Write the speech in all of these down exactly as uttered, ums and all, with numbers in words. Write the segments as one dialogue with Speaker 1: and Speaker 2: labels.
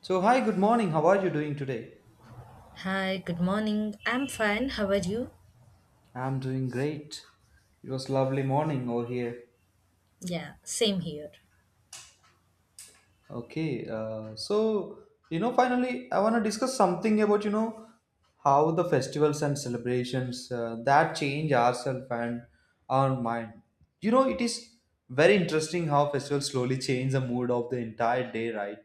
Speaker 1: So, hi, good morning. How are you doing today?
Speaker 2: Hi, good morning. I'm fine. How are you?
Speaker 1: I'm doing great. It was lovely morning over here.
Speaker 2: Yeah, same here.
Speaker 1: Okay, uh, so you know, finally, I want to discuss something about you know how the festivals and celebrations uh, that change ourselves and our mind. You know, it is very interesting how festivals slowly change the mood of the entire day, right?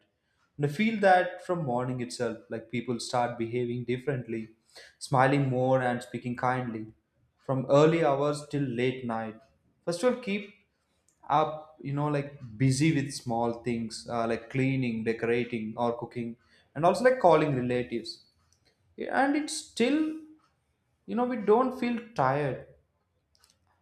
Speaker 1: And I feel that from morning itself, like people start behaving differently, smiling more and speaking kindly, from early hours till late night. Festival keep up you know like busy with small things uh, like cleaning decorating or cooking and also like calling relatives and it's still you know we don't feel tired.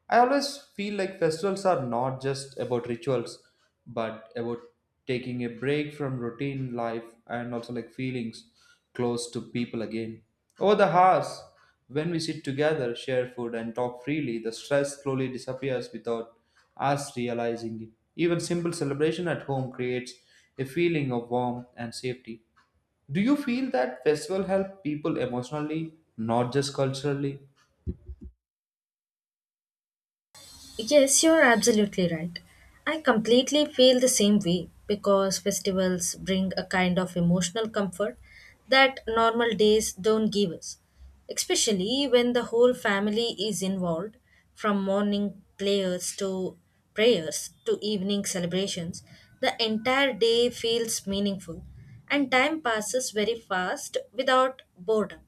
Speaker 1: I always feel like festivals are not just about rituals, but about taking a break from routine life and also like feelings close to people again. Over the hours, when we sit together, share food, and talk freely, the stress slowly disappears without us realizing it. Even simple celebration at home creates a feeling of warmth and safety. Do you feel that festival help people emotionally, not just culturally?
Speaker 2: Yes, you're absolutely right. I completely feel the same way because festivals bring a kind of emotional comfort that normal days don't give us, especially when the whole family is involved from morning prayers to prayers to evening celebrations. The entire day feels meaningful and time passes very fast without boredom.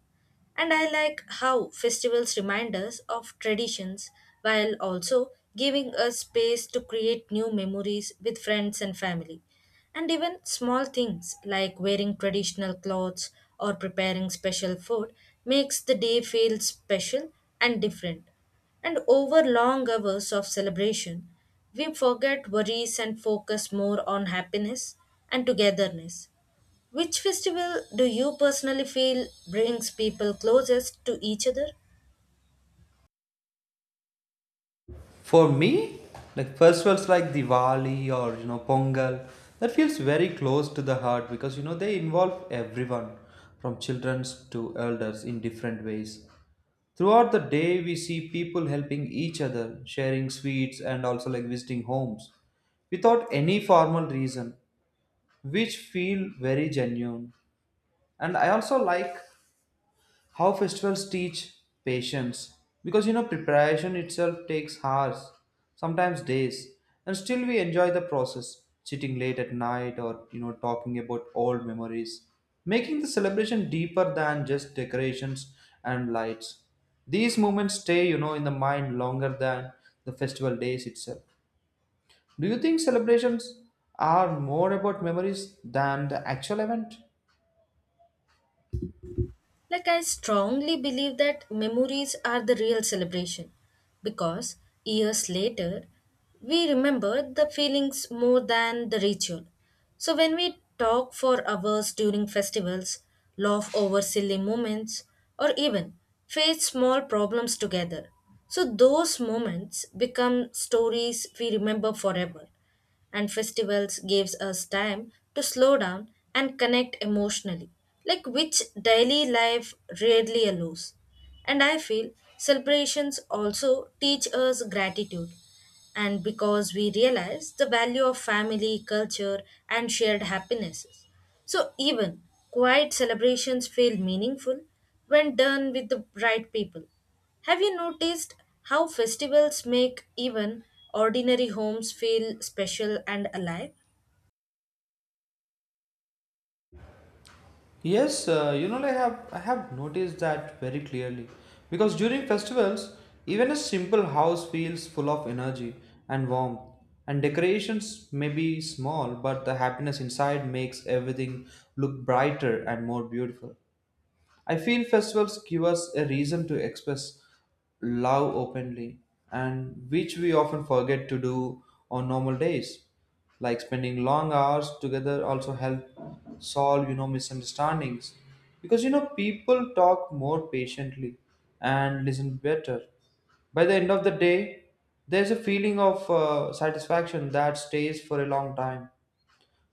Speaker 2: And I like how festivals remind us of traditions while also giving us space to create new memories with friends and family. And even small things like wearing traditional clothes or preparing special food makes the day feel special and different. And over long hours of celebration, we forget worries and focus more on happiness and togetherness. Which festival do you personally feel brings people closest to each other?
Speaker 1: For me, like festivals like Diwali or you know Pongal, that feels very close to the heart because you know they involve everyone from children to elders in different ways. Throughout the day, we see people helping each other, sharing sweets, and also like visiting homes without any formal reason, which feel very genuine. And I also like how festivals teach patience because you know preparation itself takes hours, sometimes days, and still we enjoy the process, sitting late at night or you know talking about old memories, making the celebration deeper than just decorations and lights. These moments stay you know in the mind longer than the festival days itself. Do you think celebrations are more about memories than the actual event?
Speaker 2: Like, I strongly believe that memories are the real celebration because years later we remember the feelings more than the ritual. So, when we talk for hours during festivals, laugh over silly moments, or even face small problems together, so those moments become stories we remember forever. And festivals gives us time to slow down and connect emotionally like which daily life rarely allows. And I feel celebrations also teach us gratitude and because we realize the value of family, culture, and shared happinesses. So, even quiet celebrations feel meaningful when done with the right people. Have you noticed how festivals make even ordinary homes feel special and alive?
Speaker 1: Yes, uh, you know, like I have I have noticed that very clearly because during festivals, even a simple house feels full of energy and warmth, and decorations may be small, but the happiness inside makes everything look brighter and more beautiful. I feel festivals give us a reason to express love openly, and which we often forget to do on normal days. Like spending long hours together also help solve, you know, misunderstandings. Because you know, people talk more patiently and listen better. By the end of the day, there's a feeling of uh, satisfaction that stays for a long time.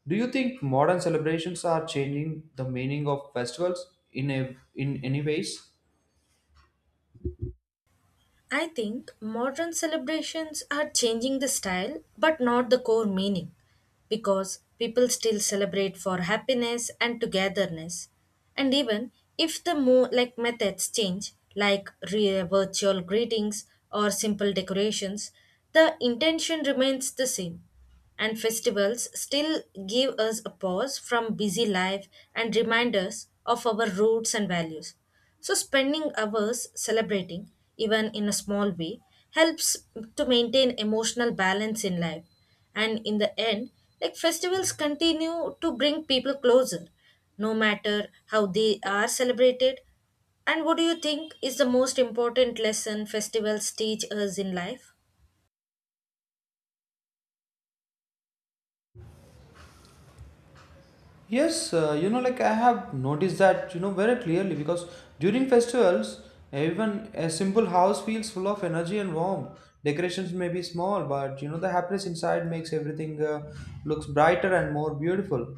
Speaker 1: Do you think modern celebrations are changing the meaning of festivals in a, in any ways?
Speaker 2: I think modern celebrations are changing the style but not the core meaning because people still celebrate for happiness and togetherness, and even if the more like methods change, like re- virtual greetings or simple decorations, the intention remains the same, and festivals still give us a pause from busy life and remind us of our roots and values. So, spending hours celebrating, even in a small way, helps to maintain emotional balance in life. And in the end, like festivals continue to bring people closer, no matter how they are celebrated. And what do you think is the most important lesson festivals teach us in life?
Speaker 1: Yes, uh, you know, like I have noticed that you know very clearly because during festivals, even a simple house feels full of energy and warmth. Decorations may be small, but you know the happiness inside makes everything uh, looks brighter and more beautiful.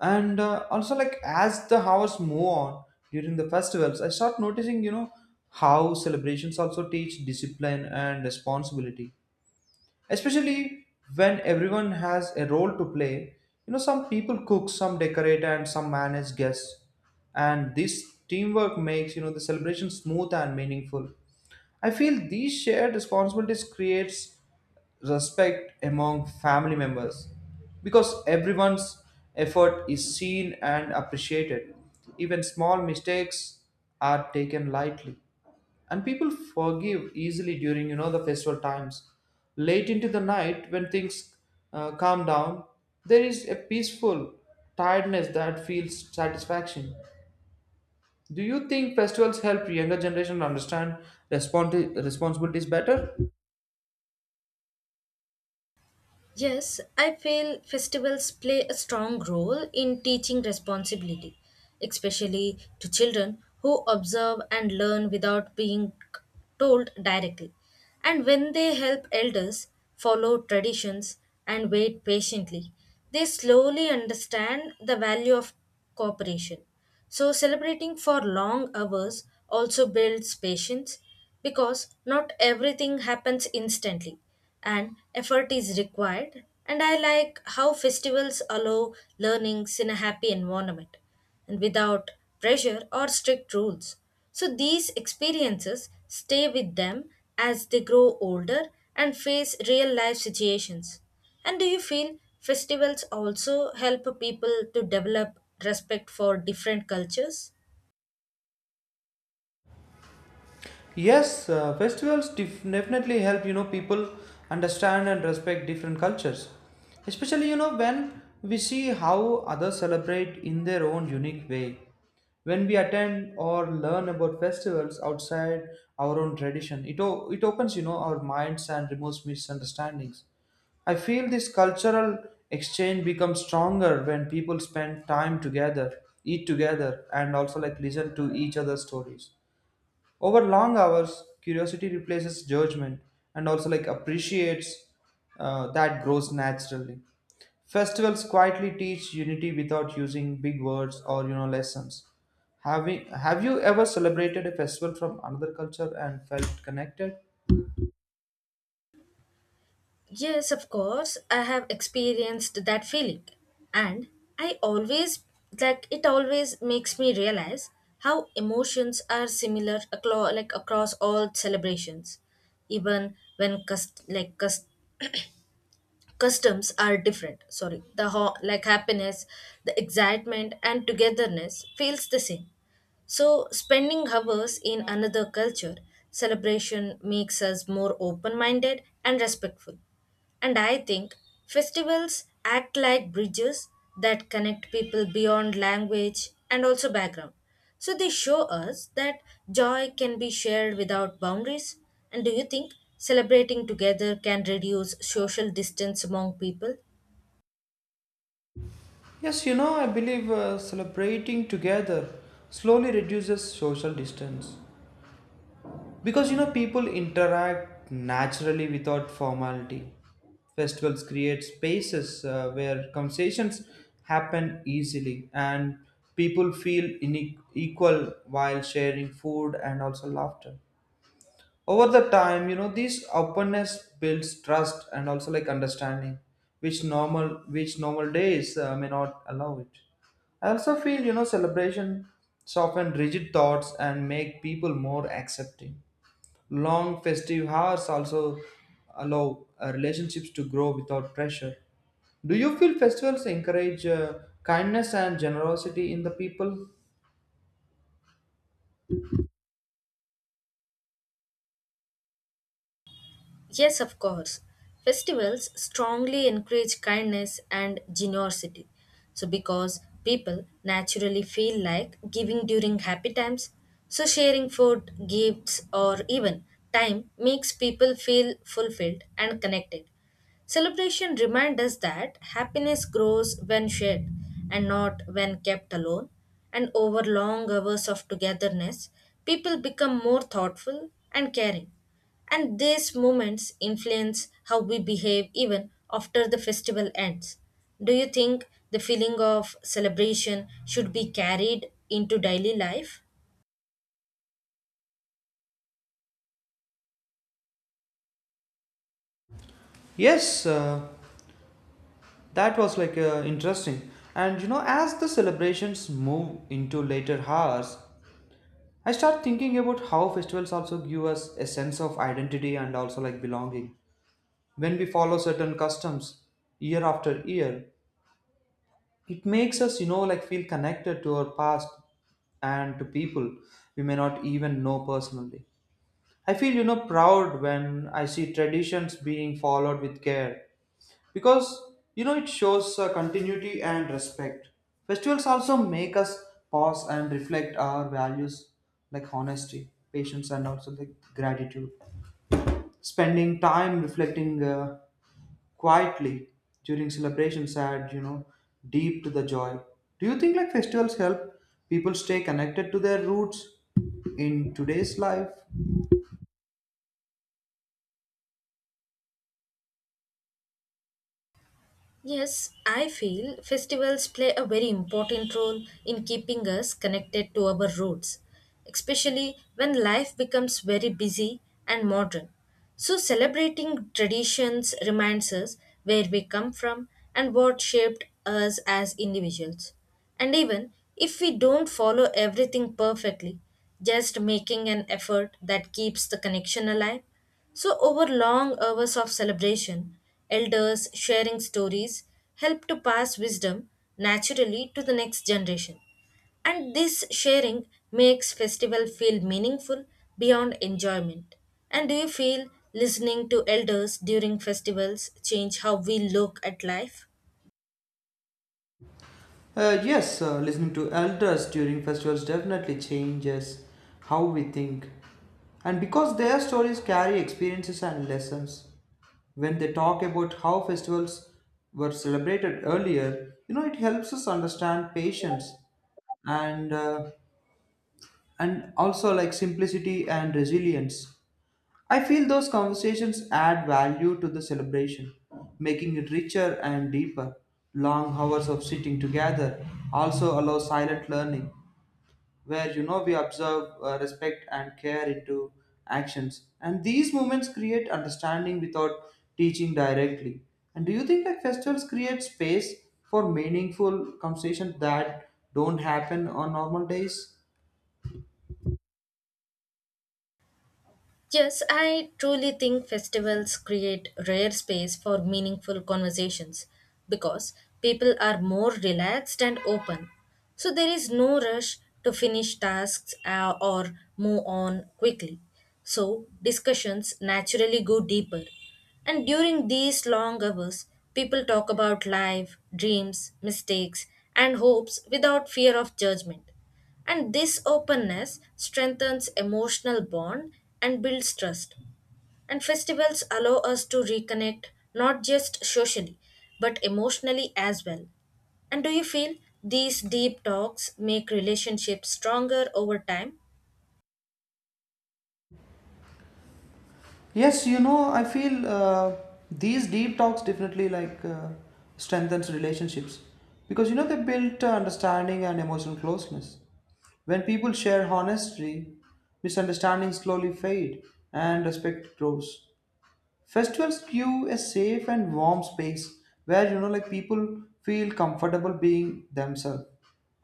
Speaker 1: And uh, also, like as the hours move on during the festivals, I start noticing you know how celebrations also teach discipline and responsibility, especially when everyone has a role to play. You know some people cook, some decorate, and some manage guests, and this teamwork makes you know the celebration smooth and meaningful. I feel these shared responsibilities creates respect among family members because everyone's effort is seen and appreciated. Even small mistakes are taken lightly and people forgive easily during you know the festival times. Late into the night, when things uh, calm down, there is a peaceful tiredness that feels satisfaction. Do you think festivals help younger generation understand respons- responsibilities better?
Speaker 2: Yes, I feel festivals play a strong role in teaching responsibility, especially to children who observe and learn without being told directly. And when they help elders follow traditions and wait patiently, they slowly understand the value of cooperation. So, celebrating for long hours also builds patience because not everything happens instantly and effort is required. And I like how festivals allow learnings in a happy environment and without pressure or strict rules. So these experiences stay with them as they grow older and face real life situations. And do you feel festivals also help people to develop respect for different cultures?
Speaker 1: Yes, uh, festivals def- definitely help you know people understand and respect different cultures, especially you know when we see how others celebrate in their own unique way. When we attend or learn about festivals outside our own tradition, it o- it opens you know our minds and removes misunderstandings. I feel this cultural exchange becomes stronger when people spend time together, eat together, and also like listen to each other's stories. Over long hours, curiosity replaces judgment and also like appreciates uh, that grows naturally. Festivals quietly teach unity without using big words or you know lessons. Have we? Have you ever celebrated a festival from another culture and felt connected?
Speaker 2: Yes, of course, I have experienced that feeling. And I always, like, it always makes me realize how emotions are similar across, like, across all celebrations, even when, cust- like, cust- customs are different. Sorry, the, ho- like, happiness, the excitement, and togetherness feels the same. So, spending hours in another culture celebration makes us more open minded and respectful. And I think festivals act like bridges that connect people beyond language and also background. So they show us that joy can be shared without boundaries. And do you think celebrating together can reduce social distance among people?
Speaker 1: Yes, you know, I believe uh, celebrating together slowly reduces social distance. Because you know, people interact naturally without formality. Festivals create spaces uh, where conversations happen easily and people feel ine- equal while sharing food and also laughter. Over the time, you know, this openness builds trust and also like understanding, which normal which normal days uh, may not allow it. I also feel, you know, celebration soften rigid thoughts and make people more accepting. Long festive hours also allow uh, relationships to grow without pressure. Do you feel festivals encourage uh, kindness and generosity in the people?
Speaker 2: Yes, of course. Festivals strongly encourage kindness and generosity. So, because people naturally feel like giving during happy times, so sharing food, gifts, or even time makes people feel fulfilled and connected. Celebration reminds us that happiness grows when shared and not when kept alone. And over long hours of togetherness, people become more thoughtful and caring. And these moments influence how we behave even after the festival ends. Do you think the feeling of celebration should be carried into daily life?
Speaker 1: Yes, uh, that was like uh, interesting. And you know, as the celebrations move into later hours, I start thinking about how festivals also give us a sense of identity and also like belonging. When we follow certain customs year after year, it makes us you know like feel connected to our past and to people we may not even know personally. I feel you know proud when I see traditions being followed with care because you know it shows uh, continuity and respect. Festivals also make us pause and reflect our values, like honesty, patience, and also like gratitude. Spending time reflecting uh, quietly during celebrations add you know deep to the joy. Do you think like festivals help people stay connected to their roots in today's life?
Speaker 2: Yes, I feel festivals play a very important role in keeping us connected to our roots, especially when life becomes very busy and modern. So, celebrating traditions reminds us where we come from and what shaped us as individuals. And even if we don't follow everything perfectly, just making an effort that keeps the connection alive. So, over long hours of celebration, elders sharing stories help to pass wisdom naturally to the next generation. And this sharing makes festival feel meaningful beyond enjoyment. And do you feel listening to elders during festivals change how we look at life?
Speaker 1: Uh, yes, uh, listening to elders during festivals definitely changes how we think, and because their stories carry experiences and lessons. When they talk about how festivals were celebrated earlier, you know it helps us understand patience and uh, and also like simplicity and resilience. I feel those conversations add value to the celebration, making it richer and deeper. Long hours of sitting together also allow silent learning, where you know we observe uh, respect and care into actions. And these moments create understanding without teaching directly. And do you think that festivals create space for meaningful conversations that don't happen on normal days?
Speaker 2: Yes, I truly think festivals create rare space for meaningful conversations because people are more relaxed and open. So there is no rush to finish tasks uh, or move on quickly. So discussions naturally go deeper. And during these long hours, people talk about life, dreams, mistakes, and hopes without fear of judgment. And this openness strengthens emotional bond and builds trust. And festivals allow us to reconnect not just socially but emotionally as well. And do you feel these deep talks make relationships stronger over time?
Speaker 1: Yes, you know, I feel uh, these deep talks definitely like uh, strengthens relationships because you know they build uh, understanding and emotional closeness. When people share honestly, misunderstandings slowly fade and respect grows. Festivals give a safe and warm space where you know like people feel comfortable being themselves.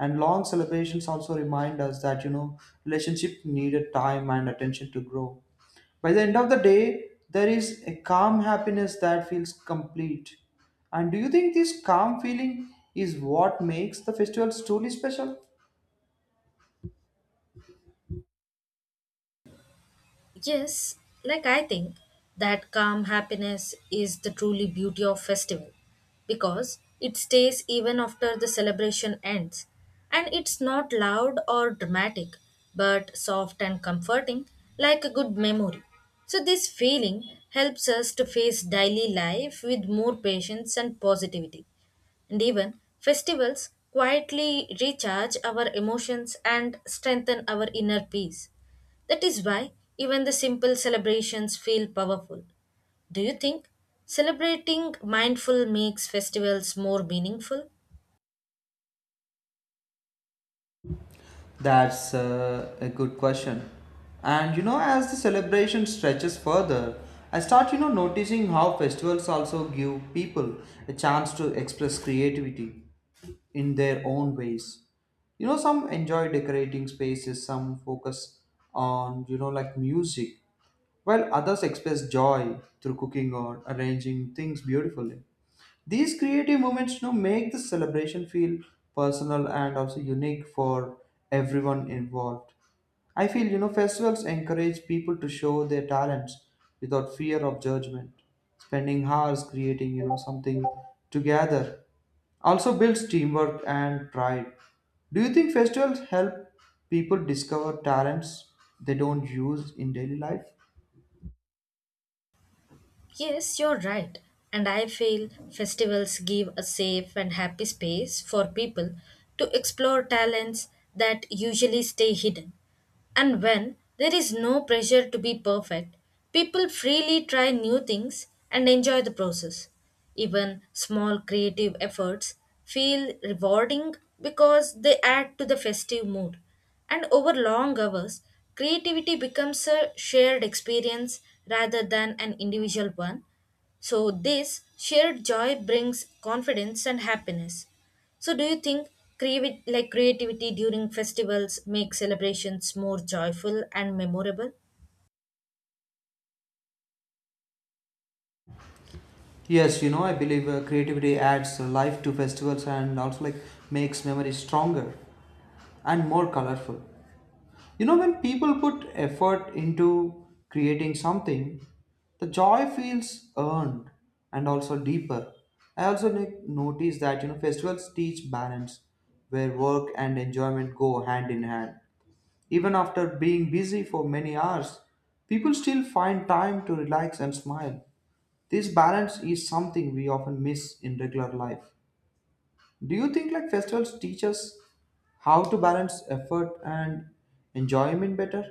Speaker 1: And long celebrations also remind us that you know relationship needed time and attention to grow. By the end of the day, there is a calm happiness that feels complete. And do you think this calm feeling is what makes the festival truly special?
Speaker 2: Yes, like I think that calm happiness is the truly beauty of festival because it stays even after the celebration ends, and it's not loud or dramatic but soft and comforting, like a good memory. So this feeling helps us to face daily life with more patience and positivity, and even festivals quietly recharge our emotions and strengthen our inner peace. That is why even the simple celebrations feel powerful. Do you think celebrating mindful makes festivals more meaningful?
Speaker 1: That's uh, a good question. And you know, as the celebration stretches further, I start, you know, noticing how festivals also give people a chance to express creativity in their own ways. You know, some enjoy decorating spaces, some focus on, you know, like music, while others express joy through cooking or arranging things beautifully. These creative moments you know, make the celebration feel personal and also unique for everyone involved. I feel you know festivals encourage people to show their talents without fear of judgment. Spending hours creating you know something together also builds teamwork and pride. Do you think festivals help people discover talents they don't use in daily life?
Speaker 2: Yes, you're right. And I feel festivals give a safe and happy space for people to explore talents that usually stay hidden. And when there is no pressure to be perfect, people freely try new things and enjoy the process. Even small creative efforts feel rewarding because they add to the festive mood. And over long hours, creativity becomes a shared experience rather than an individual one, so, this shared joy brings confidence and happiness. So, do you think creavi- like creativity during festivals make celebrations more joyful and memorable?
Speaker 1: Yes, you know, I believe uh, creativity adds life to festivals and also like makes memories stronger and more colorful. You know, when people put effort into creating something, the joy feels earned and also deeper. I also ne- notice that you know festivals teach balance, where work and enjoyment go hand in hand. Even after being busy for many hours, people still find time to relax and smile. This balance is something we often miss in regular life. Do you think like festivals teach us how to balance effort and enjoyment better?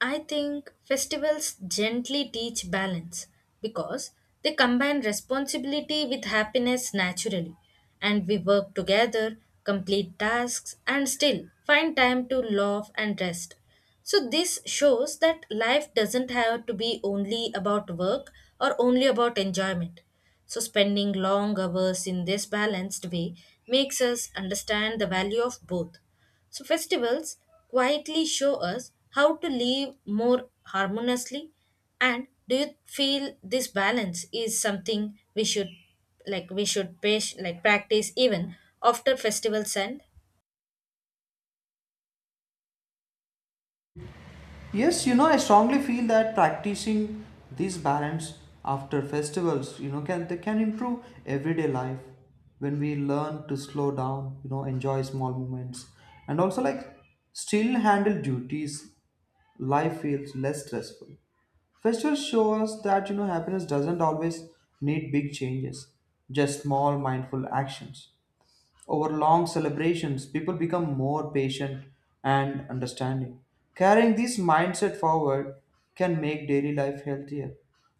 Speaker 2: I think festivals gently teach balance because they combine responsibility with happiness naturally, and we work together, complete tasks, and still find time to laugh and rest. So, this shows that life doesn't have to be only about work or only about enjoyment. So, spending long hours in this balanced way makes us understand the value of both. So, festivals quietly show us how to live more harmoniously. And do you feel this balance is something we should like we should pay, like practice even after festivals end?
Speaker 1: Yes, you know, I strongly feel that practicing this balance after festivals, you know, can they can improve everyday life. When we learn to slow down, you know, enjoy small moments and also like still handle duties, life feels less stressful. Festivals show us that you know happiness doesn't always need big changes, just small mindful actions. Over long celebrations, people become more patient and understanding. Carrying this mindset forward can make daily life healthier.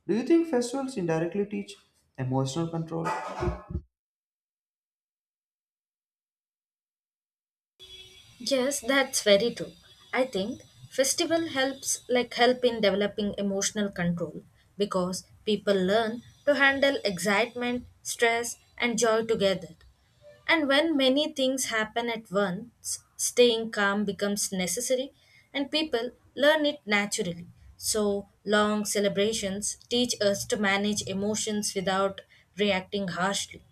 Speaker 1: Do you think festivals indirectly teach emotional control?
Speaker 2: Yes, that's very true. I think festival helps like help in developing emotional control because people learn to handle excitement, stress and joy together. And when many things happen at once, staying calm becomes necessary and people learn it naturally. So, long celebrations teach us to manage emotions without reacting harshly.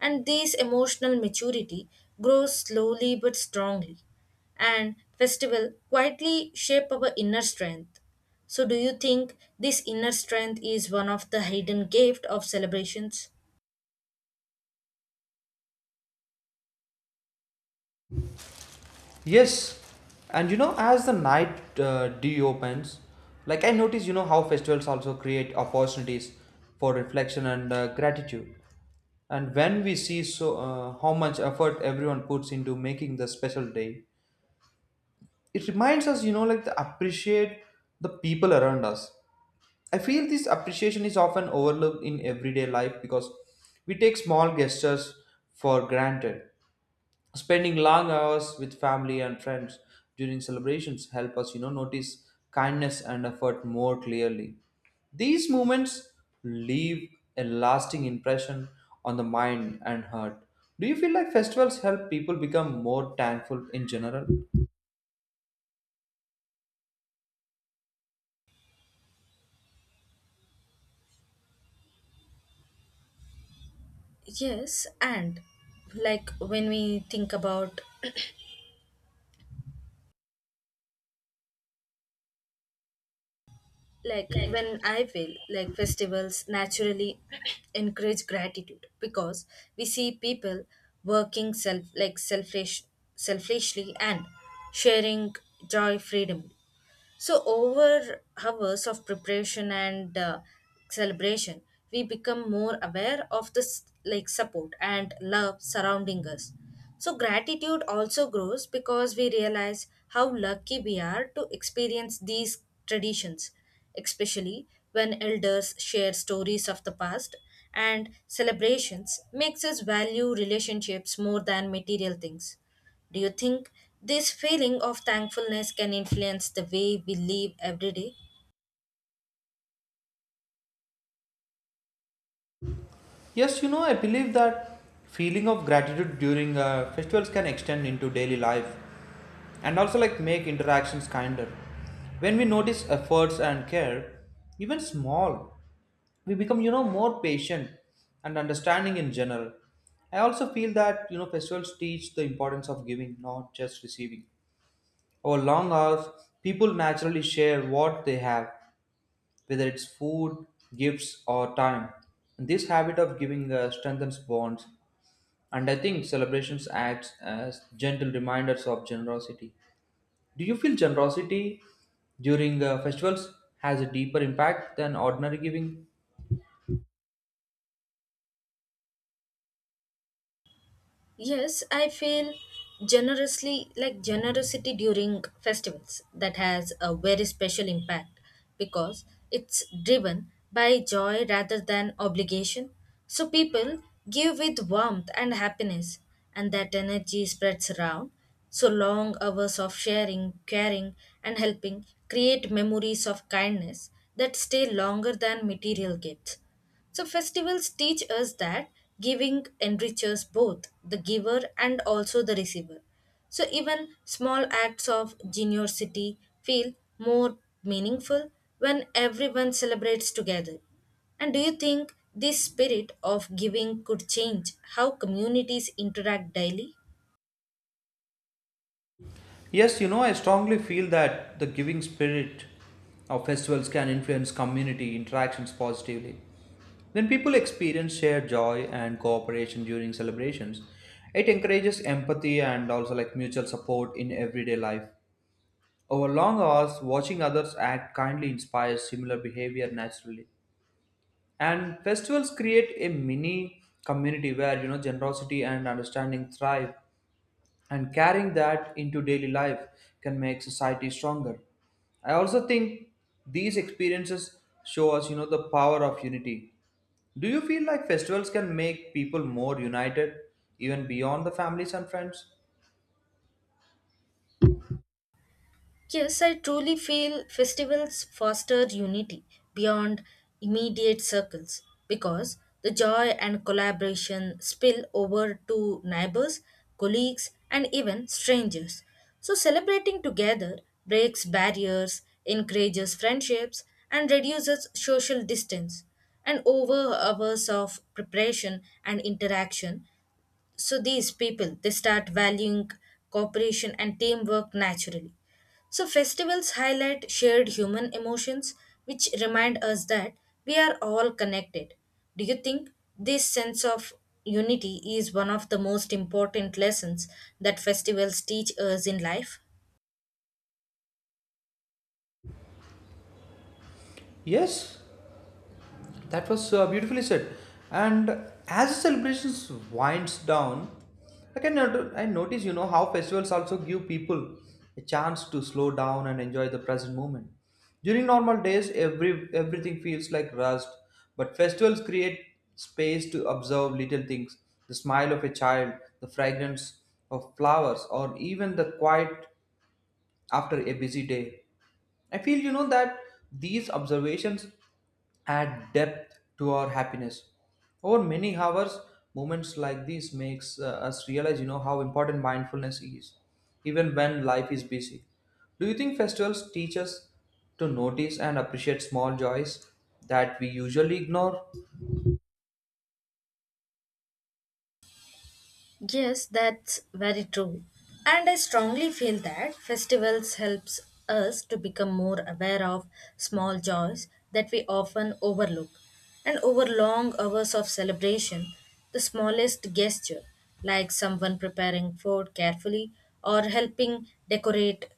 Speaker 2: And this emotional maturity grows slowly but strongly. And festival quietly shape our inner strength. So do you think this inner strength is one of the hidden gift of celebrations?
Speaker 1: Yes, and you know, as the night uh, deepens, like I notice, you know how festivals also create opportunities for reflection and uh, gratitude. And when we see so uh, how much effort everyone puts into making the special day, it reminds us, you know, like to appreciate the people around us. I feel this appreciation is often overlooked in everyday life because we take small gestures for granted. Spending long hours with family and friends during celebrations help us, you know, notice kindness and effort more clearly. These moments leave a lasting impression on the mind and heart. Do you feel like festivals help people become more thankful in general?
Speaker 2: Yes, and like when we think about, like when I feel like festivals naturally encourage gratitude because we see people working self like selfish selfishly and sharing joy freedomly. So over hours of preparation and uh, celebration, we become more aware of this like support and love surrounding us. So gratitude also grows because we realize how lucky we are to experience these traditions, especially when elders share stories of the past, and celebrations makes us value relationships more than material things. Do you think this feeling of thankfulness can influence the way we live every day?
Speaker 1: Yes, you know, I believe that feeling of gratitude during uh, festivals can extend into daily life and also like make interactions kinder. When we notice efforts and care, even small, we become you know more patient and understanding in general. I also feel that you know festivals teach the importance of giving, not just receiving. Over long hours, people naturally share what they have, whether it's food, gifts, or time. This habit of giving uh, strengthens bonds, and I think celebrations act as gentle reminders of generosity. Do you feel generosity during uh, festivals has a deeper impact than ordinary giving?
Speaker 2: Yes, I feel generously like generosity during festivals that has a very special impact because it's driven by joy rather than obligation. So people give with warmth and happiness, and that energy spreads around. So long hours of sharing, caring, and helping create memories of kindness that stay longer than material gifts. So, festivals teach us that giving enriches both the giver and also the receiver. So, even small acts of generosity feel more meaningful when everyone celebrates together. And do you think this spirit of giving could change how communities interact daily?
Speaker 1: Yes, you know, I strongly feel that the giving spirit of festivals can influence community interactions positively. When people experience shared joy and cooperation during celebrations, it encourages empathy and also like mutual support in everyday life. Over long hours, watching others act kindly inspires similar behavior naturally. And festivals create a mini community where you know generosity and understanding thrive, and carrying that into daily life can make society stronger. I also think these experiences show us you know the power of unity. Do you feel like festivals can make people more united, even beyond the families and friends?
Speaker 2: Yes, I truly feel festivals foster unity beyond immediate circles because the joy and collaboration spill over to neighbors, colleagues, and even strangers. So, celebrating together breaks barriers, encourages friendships, and reduces social distance, and over hours of preparation and interaction, so these people they start valuing cooperation and teamwork naturally. So festivals highlight shared human emotions, which remind us that we are all connected. Do you think this sense of unity is one of the most important lessons that festivals teach us in life?
Speaker 1: Yes. That was uh, beautifully said. And as the celebrations winds down, like I can not- I notice you know how festivals also give people a chance to slow down and enjoy the present moment. During normal days, every everything feels like rust, but festivals create space to observe little things: the smile of a child, the fragrance of flowers, or even the quiet after a busy day. I feel you know that these observations add depth to our happiness. Over many hours, moments like these makes uh, us realize you know how important mindfulness is, even when life is busy. Do you think festivals teach us to notice and appreciate small joys that we usually ignore?
Speaker 2: Yes, that's very true. And I strongly feel that festivals helps us to become more aware of small joys that we often overlook. And over long hours of celebration, the smallest gesture, like someone preparing food carefully or helping decorate,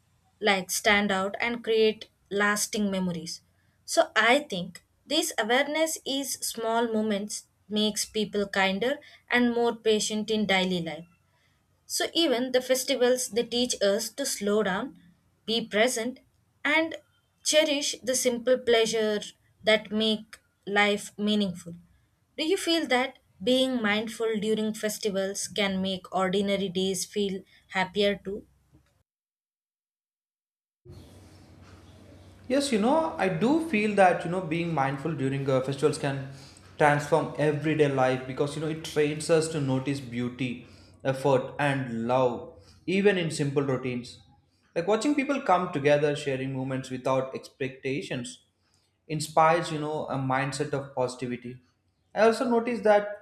Speaker 2: like stand out and create lasting memories. So I think this awareness is small moments makes people kinder and more patient in daily life. So even the festivals they teach us to slow down, be present and cherish the simple pleasure that make life meaningful. Do you feel that being mindful during festivals can make ordinary days feel happier too?
Speaker 1: Yes, you know, I do feel that, you know, being mindful during uh, festivals can transform everyday life because, you know, it trains us to notice beauty, effort, and love, even in simple routines. Like watching people come together, sharing moments without expectations inspires you know a mindset of positivity. I also noticed that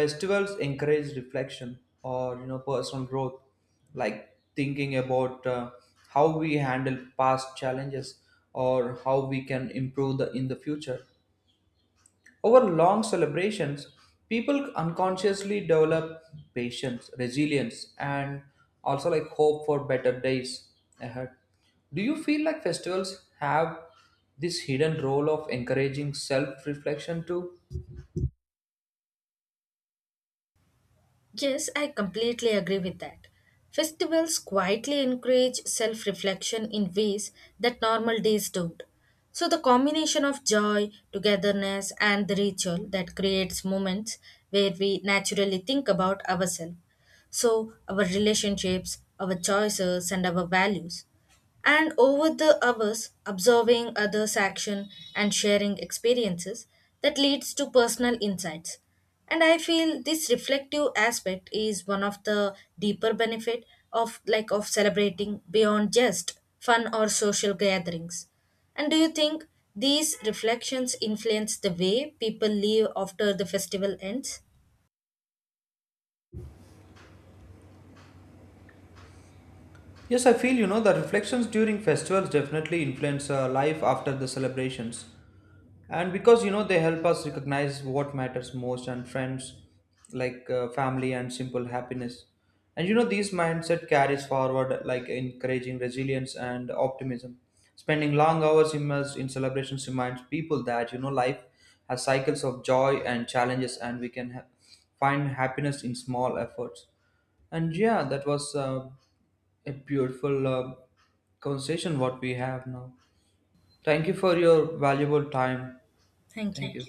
Speaker 1: festivals encourage reflection or you know personal growth, like thinking about uh, how we handle past challenges or how we can improve the, in the future. Over long celebrations, people unconsciously develop patience, resilience, and also like hope for better days ahead. Do you feel like festivals have this hidden role of encouraging self reflection too?
Speaker 2: Yes, I completely agree with that. Festivals quietly encourage self reflection in ways that normal days don't. So, the combination of joy, togetherness, and the ritual that creates moments where we naturally think about ourselves. So, our relationships, our choices, and our values. And over the hours, observing others' action and sharing experiences that leads to personal insights. And I feel this reflective aspect is one of the deeper benefit of like of celebrating beyond just fun or social gatherings. And do you think these reflections influence the way people live after the festival ends?
Speaker 1: Yes, I feel you know the reflections during festivals definitely influence uh, life after the celebrations, and because you know they help us recognize what matters most, and friends like uh, family and simple happiness. And you know these mindset carries forward, like encouraging resilience and optimism. Spending long hours immersed in celebrations reminds people that you know life has cycles of joy and challenges, and we can ha- find happiness in small efforts. And yeah, that was uh, a beautiful uh, conversation what we have now. Thank you for your valuable time.
Speaker 2: Thank
Speaker 1: Thank
Speaker 2: you.
Speaker 1: you.